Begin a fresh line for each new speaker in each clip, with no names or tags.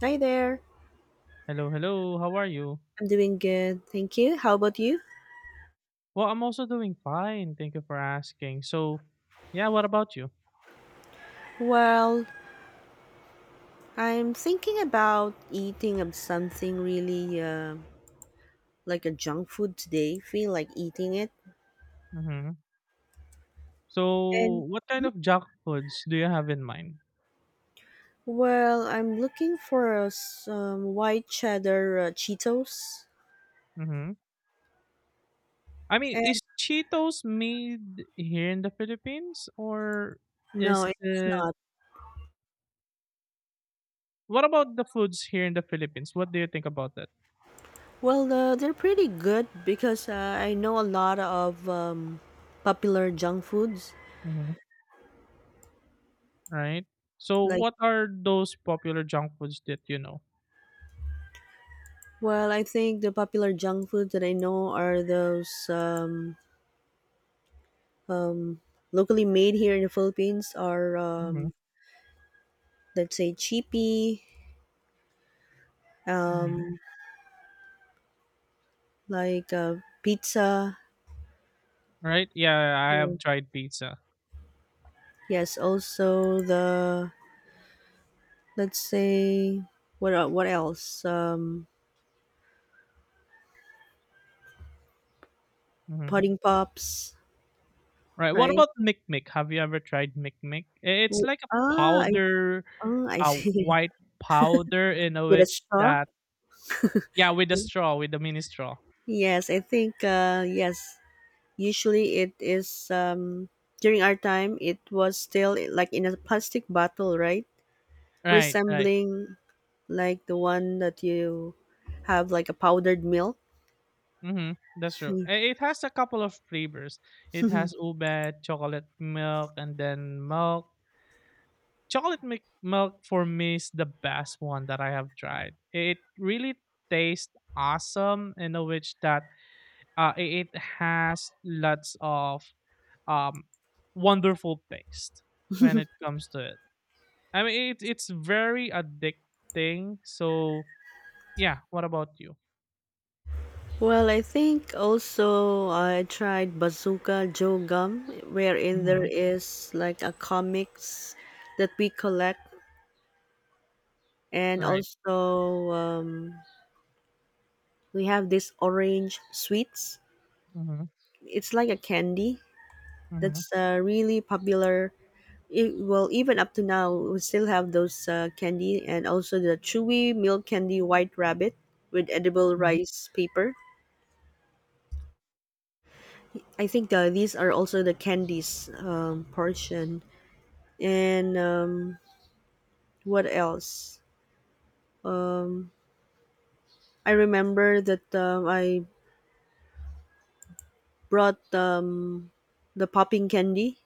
Hi there.
Hello, hello. How are you?
I'm doing good. Thank you. How about you?
Well, I'm also doing fine. Thank you for asking. So, yeah, what about you?
Well, I'm thinking about eating of something really like a junk food today. Feel like eating it.
Mm-hmm.
And
So, what kind of junk foods do you have in mind?
well, I'm looking for some white cheddar Cheetos.
Mm-hmm. I mean,
And
is Cheetos made here in the Philippines or
no,
is
it's
it.
not.
What about the foods here in the Philippines? What do you think about that?
Well, they're pretty good because I know a lot of popular junk foods.
Mm-hmm. Right? So,
Like,
what are those popular junk foods that you know?
well, I think the popular junk foods that I know are those. Locally made here in the Philippines are
Mm-hmm.
let's say chippy, um,
Mm-hmm.
like pizza.
Right? Yeah, I
Mm.
have tried pizza.
Yes, also the let's say what else?
Mhm.
Pudding pops,
Right. What
right?
about mikmik? Have you ever tried mikmik? It's
W-
like a
Ah, I
powder,
oh, I
a
see
white powder in a
with a
which
straw.
that, yeah, with the straw, with the mini straw.
Yes, I think yes. Usually it is during our time. It was still like in a plastic bottle, right?
Right. Right.
Resembling like the one that you have like a powdered milk.
Mm-hmm. That's true. It has a couple of flavors. It has ube, chocolate milk, and then milk. Chocolate milk for me is the best one that I have tried. It really tastes awesome in a which that it has lots of um, wonderful taste when it comes to it. I mean, it's very addicting. So, yeah, what about you?
Well, I think also I tried Bazooka Joe Gum, wherein there
Hmm.
is like a comics that we collect, and
Right.
also we have this orange sweets.
Hmm.
It's like a candy
Hmm.
that's really popular it, well even up to now we still have those candy, and also the chewy milk candy white rabbit with edible
Hmm.
rice paper. I think these are also the candies portion, and what else. I remember that I brought the popping candy,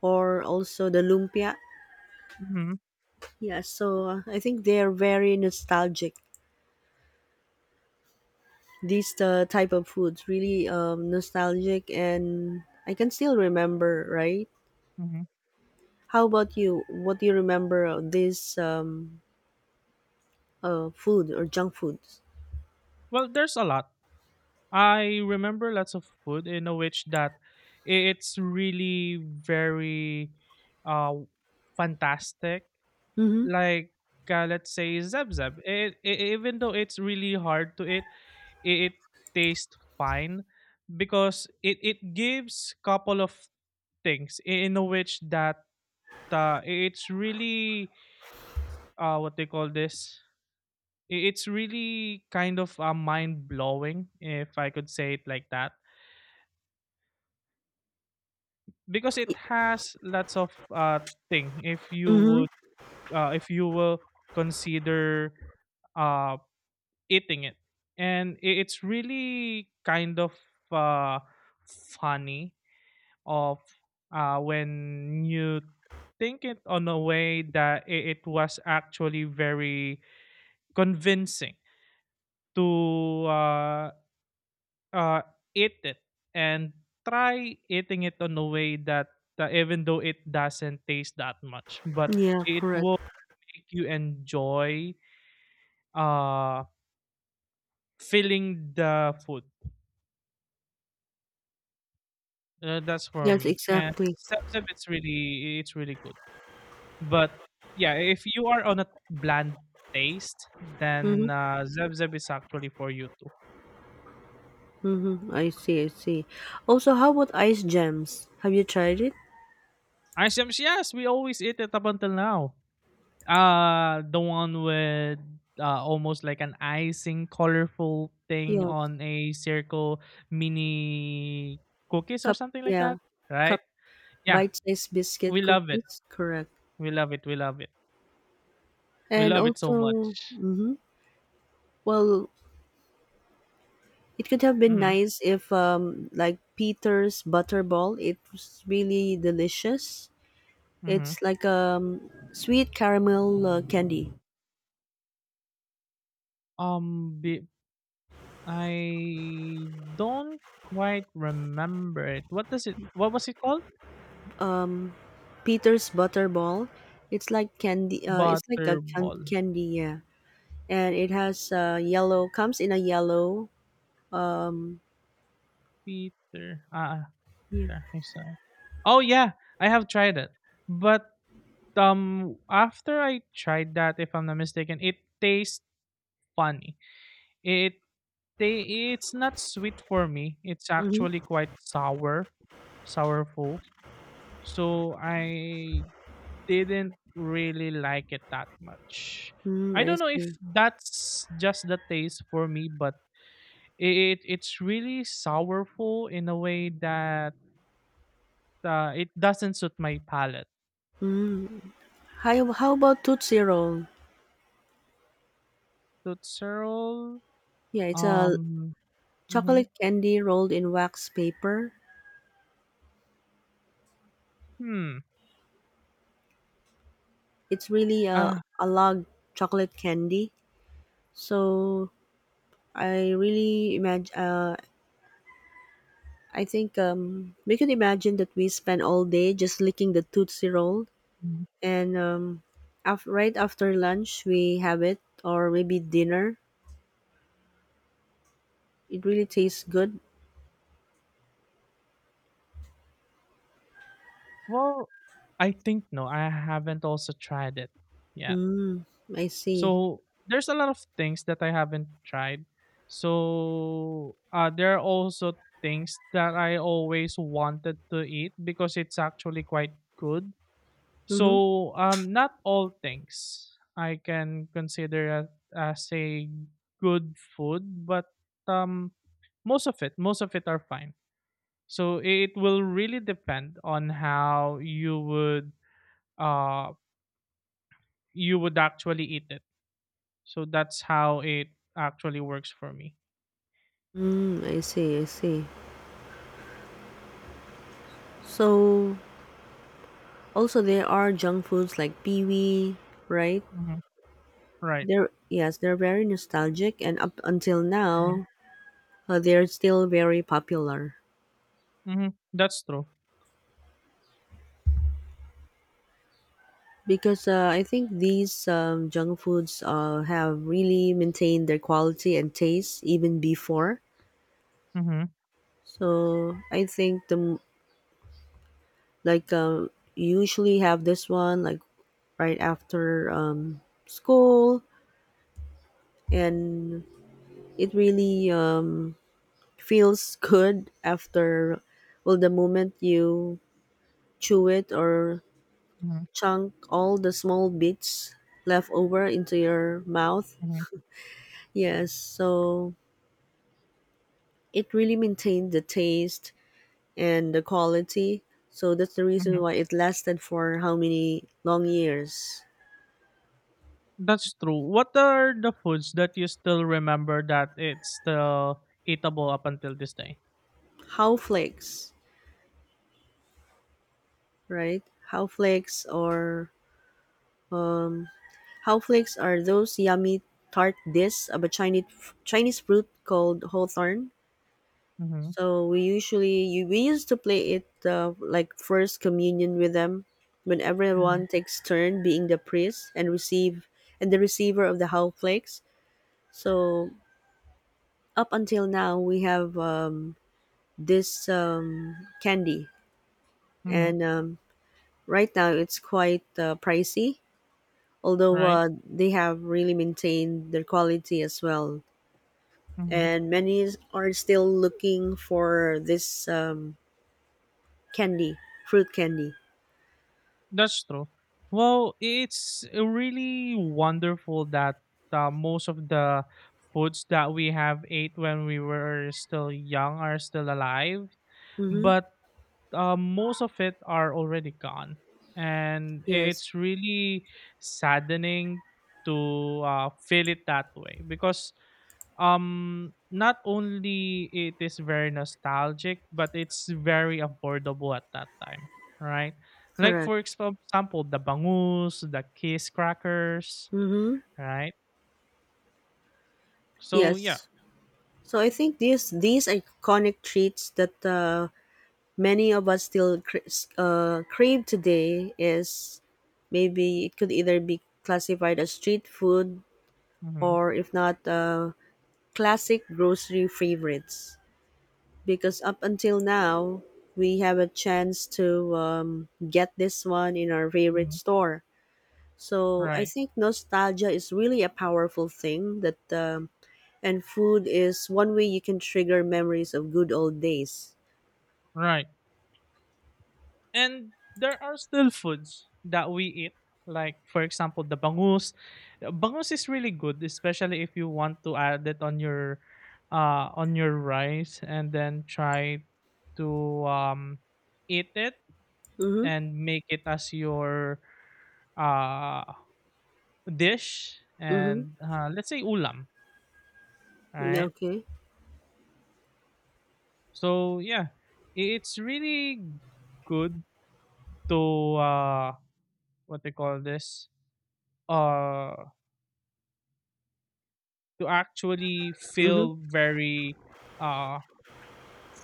or also the lumpia.
Hmm.
Yeah, so I think they are very nostalgic. These type of foods really nostalgic, and I can still remember, right?
Hmm.
How about you, what do you remember of this food or junk foods?
Well, there's a lot. I remember lots of food in a which that it's really very uh fantastic.
Mm-hmm.
Like, let's say zeb zeb. It, I Even though it's really hard to eat, it tastes fine because it gives couple of things in which that it's really, what they call this. It's really kind of mind blowing, if I could say it like that, because it has lots of thing if you
Mm-hmm.
would if you will consider uh, eating it, and it's really kind of uh, funny of, when you think it on a way that it was actually very convincing to uh, eat it and try eating it on a way that, even though it doesn't taste that much, but
Yeah,
it
correct.
will make you enjoy, uh, feeling the food. That's for
Yes,
me. And
exactly.
Seb Seb, it's really good. But yeah, if you are on a bland taste,
Mm-hmm.
then, Zeb Zeb is actually for you too.
Mm-hmm. I see, I see. Also, how about ice gems, have you tried it?
Icebms, yes, we always eat it up until now. The one with, almost like an icing, colorful thing
Yes.
on a circle, mini cookies or
Cup,
something like
yeah.
that, right?
Cup.
Yeah,
Bite-sized biscuit
we love it.
cookies, correct.
We love it. We love it. We
And
love it so
also
much.
mm-hmm. Well, it could have been
Mm-hmm.
nice if, like Peter's Butterball, it was really delicious.
Mm-hmm.
It's like sweet caramel candy.
Um, be, I don't quite remember it. What does it? What was it called?
Peter's Butterball, it's like candy. It's like a
Butterball.
candy, yeah. And it has yellow. Comes in a yellow. Um,
Peter. Ah,
yeah.
there. I saw it. Oh yeah, I have tried it. But, after I tried that, if I'm not mistaken, it tastes funny. It it's not sweet for me. It's
Mm-hmm.
actually quite sour, sourful. So I didn't really like it that much.
Mm,
I
I
don't know if
see.
that's just the taste for me, but it's really sourful in a way that, it doesn't suit my palate.
Mm. How about Tootsie Roll?
Totserol,
Yeah, it's a
um, mm-hmm.
chocolate candy rolled in wax paper.
hmm,
It's really
uh,
a log chocolate candy. So I really imagine. I think we could imagine that we spend all day just licking the tootsie roll,
mm,
and right after lunch we have it, or maybe dinner. It really tastes good.
well, I think no, I haven't also tried it. Yeah.
Mm, I see.
So there's a lot of things that I haven't tried. So, there are also things that I always wanted to eat because it's actually quite good.
Mm-hmm.
So, not all things I can consider as, a good food, but, um, most of it are fine. So it will really depend on how uh you would actually eat it. So that's how it actually works for me.
Mm, I see. I see. So also there are junk foods like pee wee, right?
Mhm. Right.
They're yes, they're very nostalgic, and up until
Mhm.
now, they're still very popular
Mhm. That's true.
because I think these junk foods have really maintained their quality and taste even before.
Mhm.
So I think the like you usually have this one like right after school, and it really feels good after. Well, the moment you chew it, or
Mhm.
chunk all the small bits left over into your mouth.
Mhm.
Yes, so it really maintained the taste and the quality. So that's the reason
Mhm.
why it lasted for how many long years.
That's true. What are the foods that you still remember that it's still eatable up until this day?
How flakes, right? How flakes, or how flakes are those yummy tart discs of a Chinese fruit called hawthorn.
Mhm.
So we usually you, we used to play it like first communion with them, when
Mhm.
everyone takes turn being the priest and receive and the receiver of the how flakes. So up until now, we have this candy,
Mhm.
and right now it's quite pricey. Although
Right.
they have really maintained their quality as well,
Mhm.
and many are still looking for this candy, fruit candy.
That's true. Well, it's really wonderful that, most of the foods that we have ate when we were still young are still alive.
Mm-hmm.
But, most of it are already gone, and
Yes,
it's really saddening to, feel it that way because, not only it is very nostalgic, but it's very affordable at that time, right? Like,
correct.
for example, the bangus, the kiss crackers,
Mm-hmm.
right? So yeah.
Yes. So I think these iconic treats that many of us still crave today is maybe it could either be classified as street food,
Hmm.
or if not classic grocery favorites, because up until now we have a chance to get this one in our favorite
Hmm.
store. So I
Right.
think nostalgia is really a powerful thing, that and food is one way you can trigger memories of good old days.
Right. And there are still foods that we eat, like for example the bangus. Bangus is really good, especially if you want to add it on your rice and then try to um eat it
Mm-hmm.
and make it as your uh dish
Mm-hmm.
and, let's say ulam,
Mm,
right?
okay.
So yeah, it's really good to, uh what they call this, uh to actually
Mm-hmm.
feel very, uh,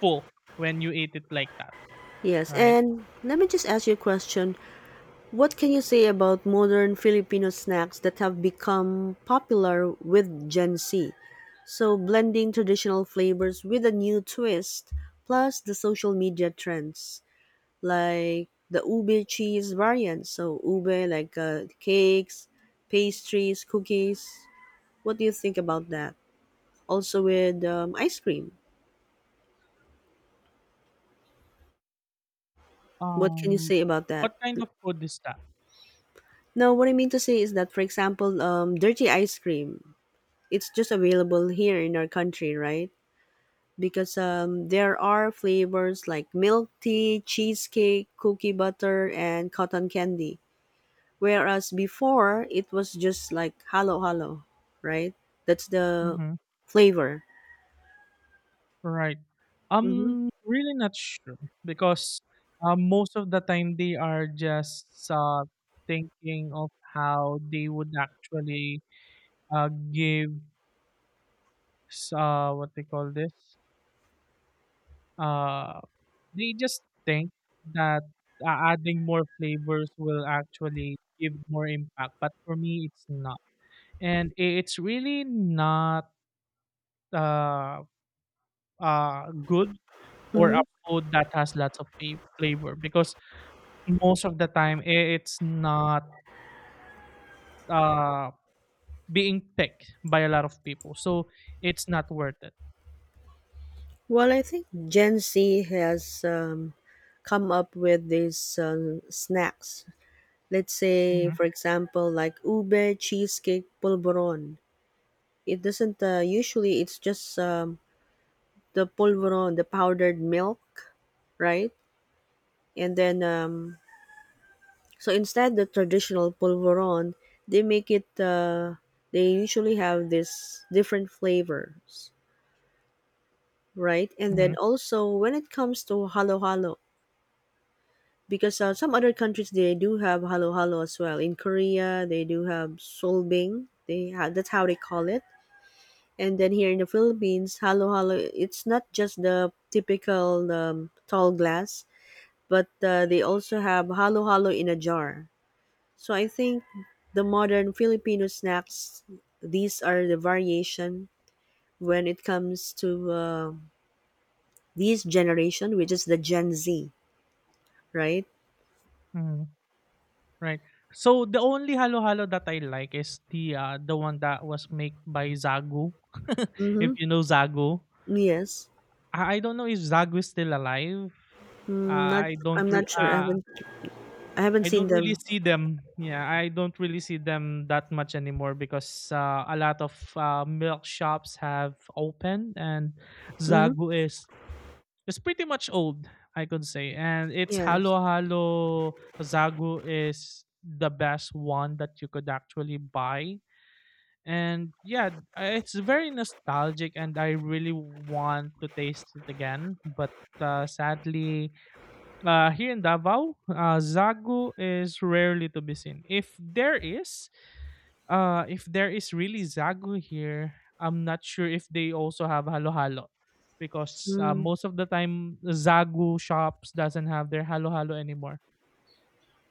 full when you ate it like that,
Yes,
right?
and let me just ask you a question. What can you say about modern Filipino snacks that have become popular with Gen Z? So, blending traditional flavors with a new twist, plus the social media trends like the ube cheese variant. So, ube like cakes, pastries, cookies. What do you think about that? Also, with ice cream. What can you
Um,
say about that?
what kind of food is that?
No, what I mean to say is that, for example, dirty ice cream. It's just available here in our country, right? Because there are flavors like milk tea, cheesecake, cookie butter, and cotton candy. Whereas before, it was just like halo halo, right? That's the
Hmm.
flavor.
Right.
Mm-hmm.
I'm really not sure because, most of the time they are just, thinking of how they would actually, uh, give what they call this. Uh, they just think that adding more flavors will actually give more impact, but for me, it's not. And it's really not, uh, good for a
Mm-hmm.
food that has lots of flavor because most of the time it's not, uh, being picked by a lot of people. So it's not worth it.
Well, I think Gen Z has come up with these snacks. Let's say,
Hmm.
for example, like ube cheesecake polvoron. It doesn't usually. It's just the polvoron, the powdered milk, right? And then, so instead the traditional polvoron, they make it. They usually have this different flavors, right? And then also when it comes to halo halo, because some other countries they do have halo halo as well. In Korea, they do have solbing. They that's how they call it. And then here in the Philippines, halo halo, it's not just the typical tall glass, but they also have halo-halo in a jar. So I think the modern Filipino snacks, these are the variation when it comes to this generation, which is the Gen Z, right?
Hmm. Right. So the only halo-halo that I like is the one that was made by Zagu, if
Mm-hmm.
you know Zagu.
Yes.
I don't know if Zagu is still alive. Uh,
Mm, not.
I
I'm
don't re-
not sure. I
uh,
haven't. I haven't
I
seen
don't really
them.
see them. Yeah, I don't really see them that much anymore because, a lot of, milk shops have opened and
Mm-hmm.
Zagu is pretty much old, I could say. And it's
Yes.
halo-halo. Zagu is the best one that you could actually buy, and yeah, it's very nostalgic and I really want to taste it again, but, sadly, here in Davao, zagu is rarely to be seen. If there is, really zagu here, I'm not sure if they also have halo halo, because,
Mm,
most of the time zagu shops doesn't have their halo halo anymore.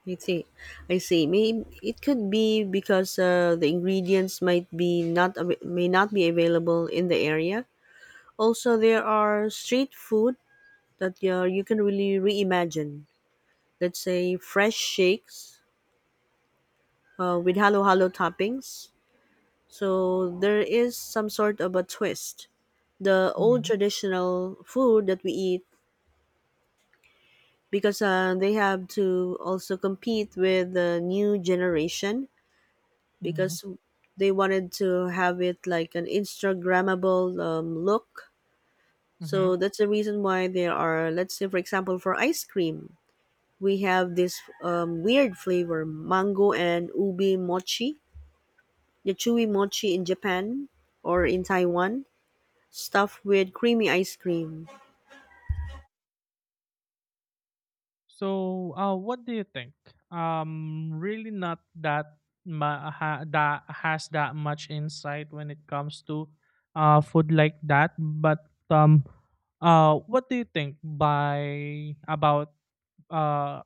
I see. I see. May it could be because the ingredients might be not may not be available in the area. Also, there are street food that yeah, you can really reimagine. Let's say fresh shakes with halo halo toppings. So there is some sort of a twist. The old
Hmm.
traditional food that we eat because they have to also compete with the new generation, because they wanted to have it like an Instagrammable look.
Hmm.
So that's the reason why there are, let's say, for example, for ice cream, we have this weird flavor mango and ubi mochi, the chewy mochi in Japan or in Taiwan, stuffed with creamy ice cream.
So, what do you think? Really not that that has that much insight when it comes to food like that. But, what do you think by about uh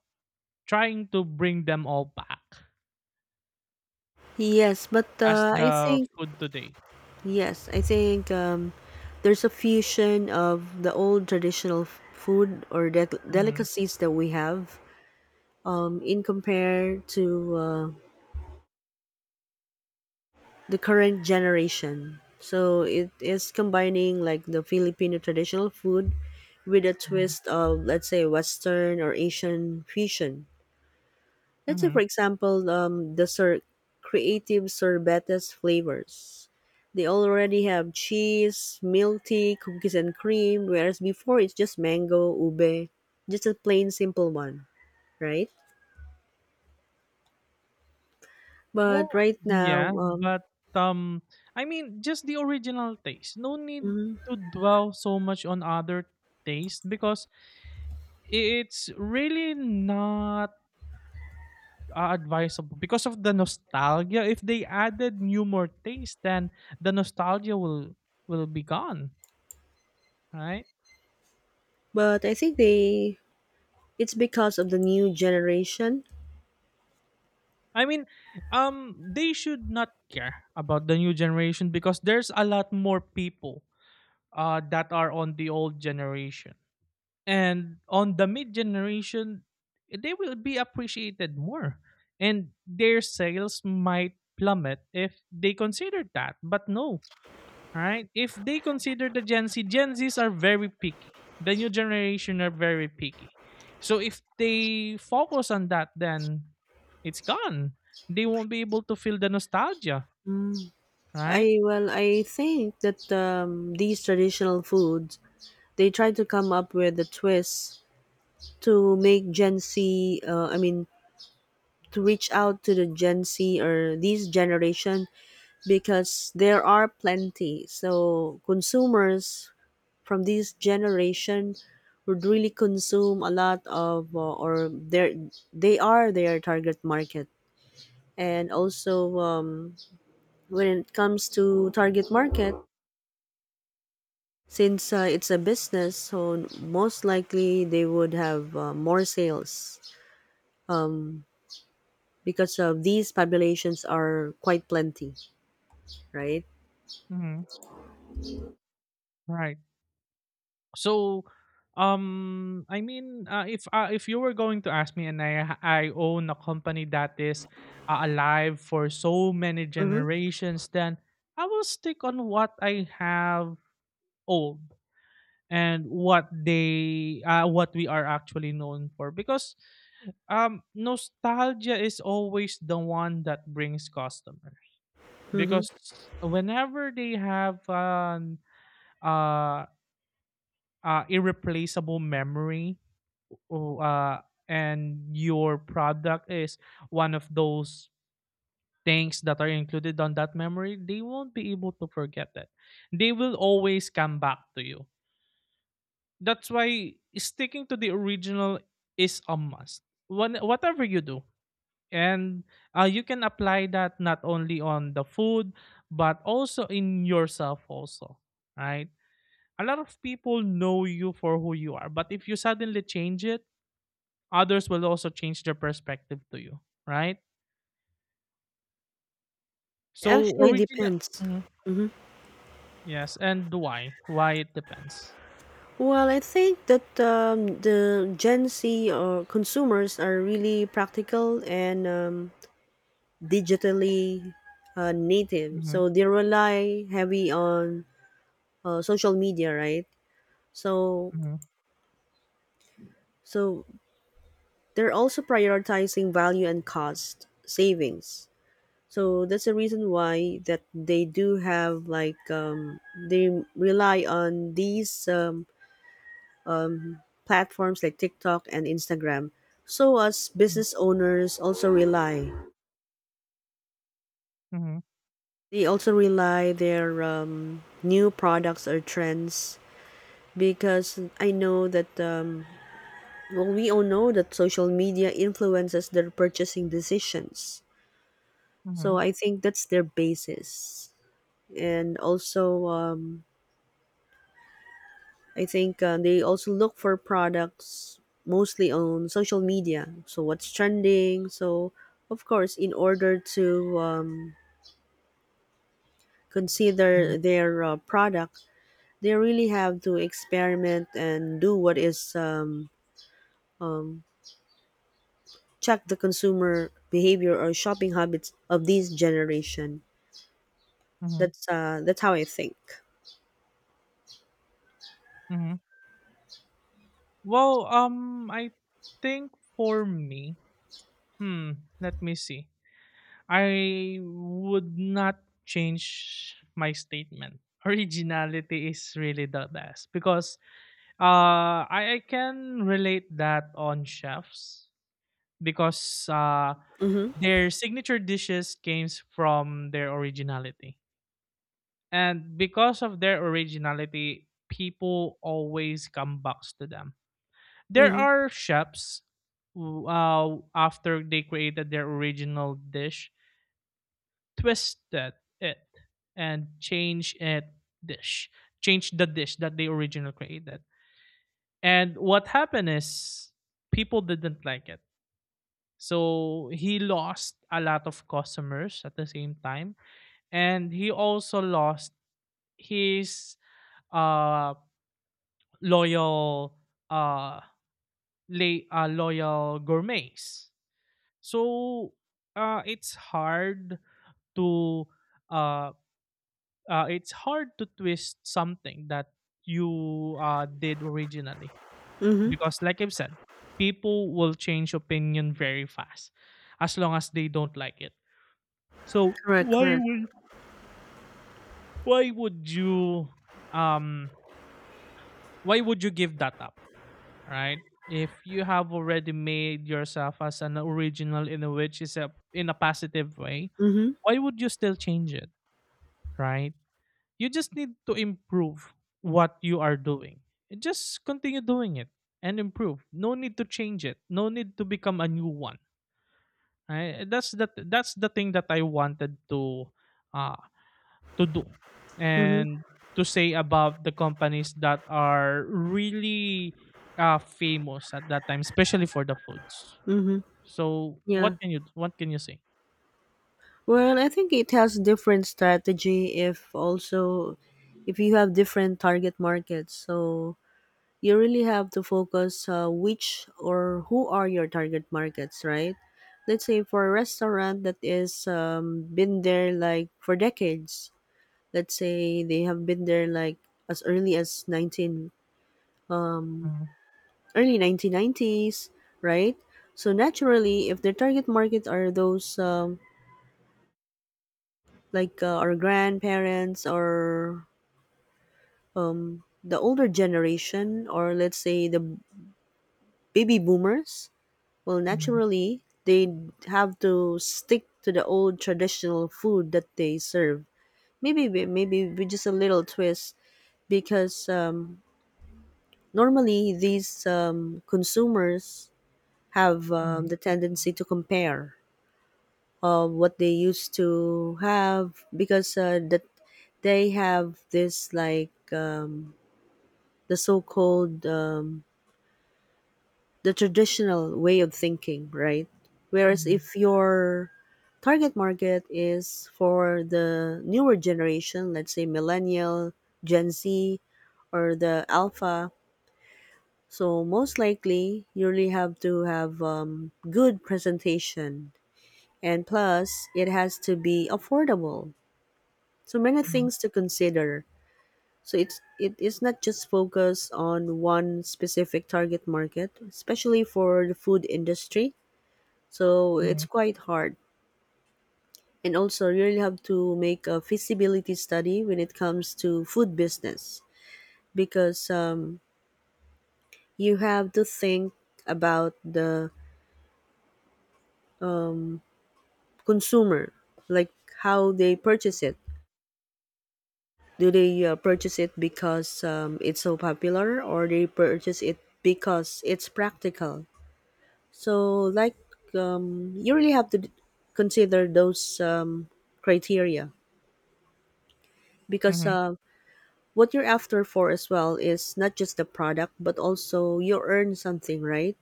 trying to bring them all back
Yes, but
as
uh, i
the
think
food today?
yes i think there's a fusion of the old traditional food or
Mm-hmm.
delicacies that we have in compare to the current generation. So it is combining like the Filipino traditional food with a
Mm-hmm.
twist of let's say Western or Asian fusion. Let's say
Mm-hmm.
for example creative sorbetes flavors. They already have cheese, milk tea, cookies and cream, whereas before it's just mango, ube, just a plain simple one, right? But
Well,
right
yeah,
now,
but, um, I mean, just the original taste. No need
mhm.
to dwell so much on other taste because it's really not, advisable because of the nostalgia. If they added new more taste, then the nostalgia will be gone, right?
But I think they it's because of the new generation.
I mean, they should not care about the new generation because there's a lot more people, that are on the old generation and on the mid generation, they will be appreciated more, and their sales might plummet if they consider that. But no. All right? If they consider the Gen Z, Gen Zs are very picky. The new generation are very picky. So if they focus on that, then it's gone. They won't be able to feel the nostalgia, right?
I well, I think that these traditional foods they try to come up with a twist to make Gen Z. I mean, to reach out to the Gen Z or these generation, because there are plenty. So consumers from this generation would really consume a lot of or their they are their target market, and also when it comes to target market, since it's a business, so most likely they would have more sales um, because of these populations are quite plenty, right?
Hmm. Right. So, I mean, if you were going to ask me, and I own a company that is, alive for so many
Mm-hmm,
generations, then I will stick on what I have old and what we are actually known for because nostalgia is always the one that brings customers,
mm-hmm.
because whenever they have an, uh, irreplaceable memory, or, uh and your product is one of those things that are included on that memory, they won't be able to forget that. They will always come back to you. That's why sticking to the original is a must when whatever you do. And, you can apply that not only on the food, but also in yourself also, right? A lot of people know you for who you are, but if you suddenly change it, others will also change their perspective to you, right? So,
Actually
original.
depends.
Mhm.
Hmm.
Yes, and why, it depends.
Well, I think that the Gen Z or consumers are really practical and digitally native.
Mm-hmm.
So they rely heavy on social media, right? So
Mm-hmm.
So they're also prioritizing value and cost savings. So that's the reason why that they do have like they rely on these platforms like TikTok and Instagram. So as business owners also rely,
Mm-hmm.
they also rely their new products or trends, because I know that well we all know that social media influences their purchasing decisions.
Mm-hmm.
So I think that's their basis. And also, I think they also look for products mostly on social media. So what's trending? So of course, in order to consider
Mm-hmm.
their product, they really have to experiment and do what is um, check the consumer behavior or shopping habits of this generation.
Mm-hmm.
That's how I think.
Mm-hmm. Well, I think for me, let me see. I would not change my statement. Originality is really the best because, I can relate that on chefs because,
Mm-hmm.
their signature dishes came from their originality. And because of their originality, people always come back to them. There
Mm-hmm.
are chefs who, after they created their original dish, twisted it and dish change the dish that they originally created, and what happened is people didn't like it. So he lost a lot of customers at the same time, and he also lost his uh loyal uh loyal gourmets. So, it's hard to uh, to twist something that you, did originally,
Mm-hmm.
because, like I've said, people will change opinion very fast as long as they don't like it. So
Correct, correct.
why would you um why would you give that up, right? If you have already made yourself as an original in a which is a in a positive way,
Mm-hmm.
why would you still change it, right? You just need to improve what you are doing. Just continue doing it and improve. No need to change it. No need to become a new one. I, that's that that's the thing that I wanted to, uh to do
Mhm,
and to say about the companies that are really famous at that time, especially for the foods.
mhm,
So
yeah.
what can you say?
Well, I think it has different strategy if also if you have different target markets. So you really have to focus which or who are your target markets, right? Let's say for a restaurant that is been there like for decades. Let's say they have been there like as early as 19
Mhm.
early 1990s, right? So naturally, if their target market are those like our grandparents, or the older generation, or let's say the baby boomers, well
Mhm.
naturally they have to stick to the old traditional food that they serve, maybe maybe with just a little twist, because normally these consumers have
Mhm.
the tendency to compare of what they used to have, because that they have this like the so-called the traditional way of thinking, right? Whereas
Mhm.
if your target market is for the newer generation, let's say millennial, Gen Z, or the alpha, so most likely you really have to have good presentation, and plus it has to be affordable, so many
Mhm.
things to consider. So it's it is not just focused on one specific target market, especially for the food industry. So it's
Mhm.
quite hard. And also you really have to make a feasibility study when it comes to food business, because you have to think about the consumer, like how they purchase it. Do they purchase it because it's so popular, or they purchase it because it's practical? So, like, you really have to consider those criteria, because
Mhm.
what you're after for as well is not just the product, but also you earn something, right?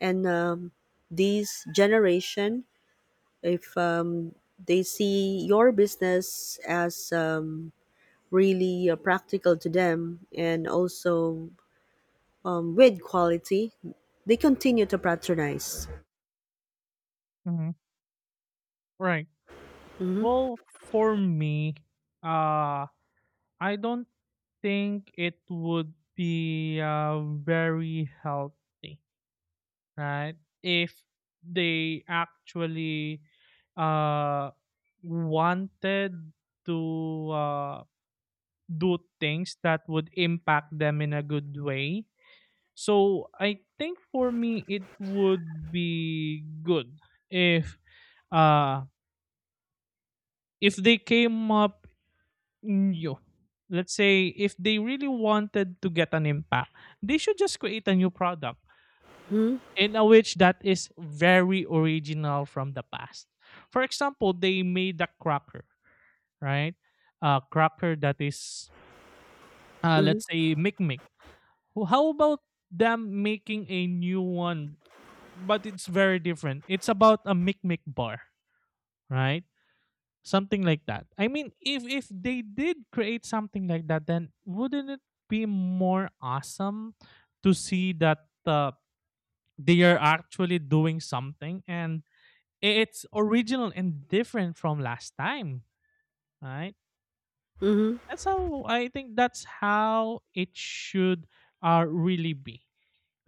And these generation, if they see your business as really practical to them, and also with quality, they continue to patronize.
Mhm. Right.
Mm-hmm.
Well, for me, uh, I don't think it would be, very healthy, right? If they actually, uh, wanted to, do things that would impact them in a good way. So I think for me, it would be good if, uh, they came up. Yo. Let's say if they really wanted to get an impact, they should just create a new product
Mm-hmm.
in a which that is very original from the past. For example, they made a cracker, right? A cracker that is, let's
Mm-hmm.
say, Mick Mick. How about them making a new one, but it's very different? It's about a Mick Mick bar, right? Something like that. I mean, if they did create something like that, then wouldn't it be more awesome to see that, they are actually doing something and it's original and different from last time, right?
Mm-hmm.
That's how I think. That's how it should, really be.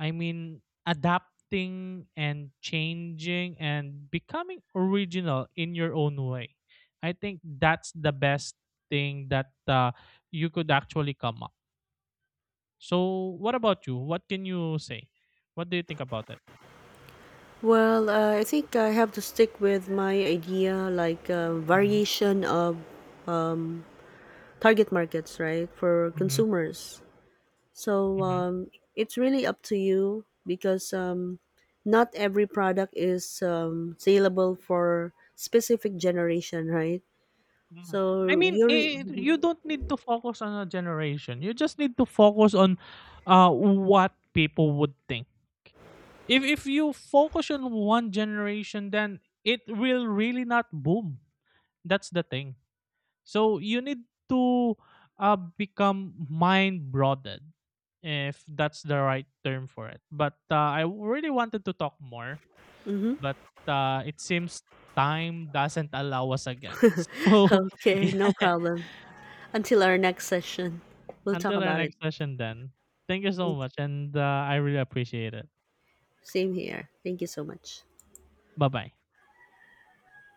I mean, adapting and changing and becoming original in your own way. I think that's the best thing that, you could actually come up. So, what about you? What can you say? What do you think about it?
Well, I think I have to stick with my idea like
Hmm.
variation of target markets, right, for
Hmm.
consumers. So
Hmm.
it's really up to you because not every product is saleable for specific generation, right?
Hmm. I
So
mean,
you're
you don't need to focus on a generation. You just need to focus on, what people would think. If you focus on one generation, then it will really not boom. That's the thing. So you need to, become mind broadened, if that's the right term for it, but, I really wanted to talk more,
hmm.
but, it seems time doesn't allow us again. So,
Okay, no
yeah,
problem. Until our next session, we'll talk
until our
about it.
next session then. Thank you so
Thank
much,
you.
and, I really appreciate it.
Same here. Thank you so much.
Bye bye.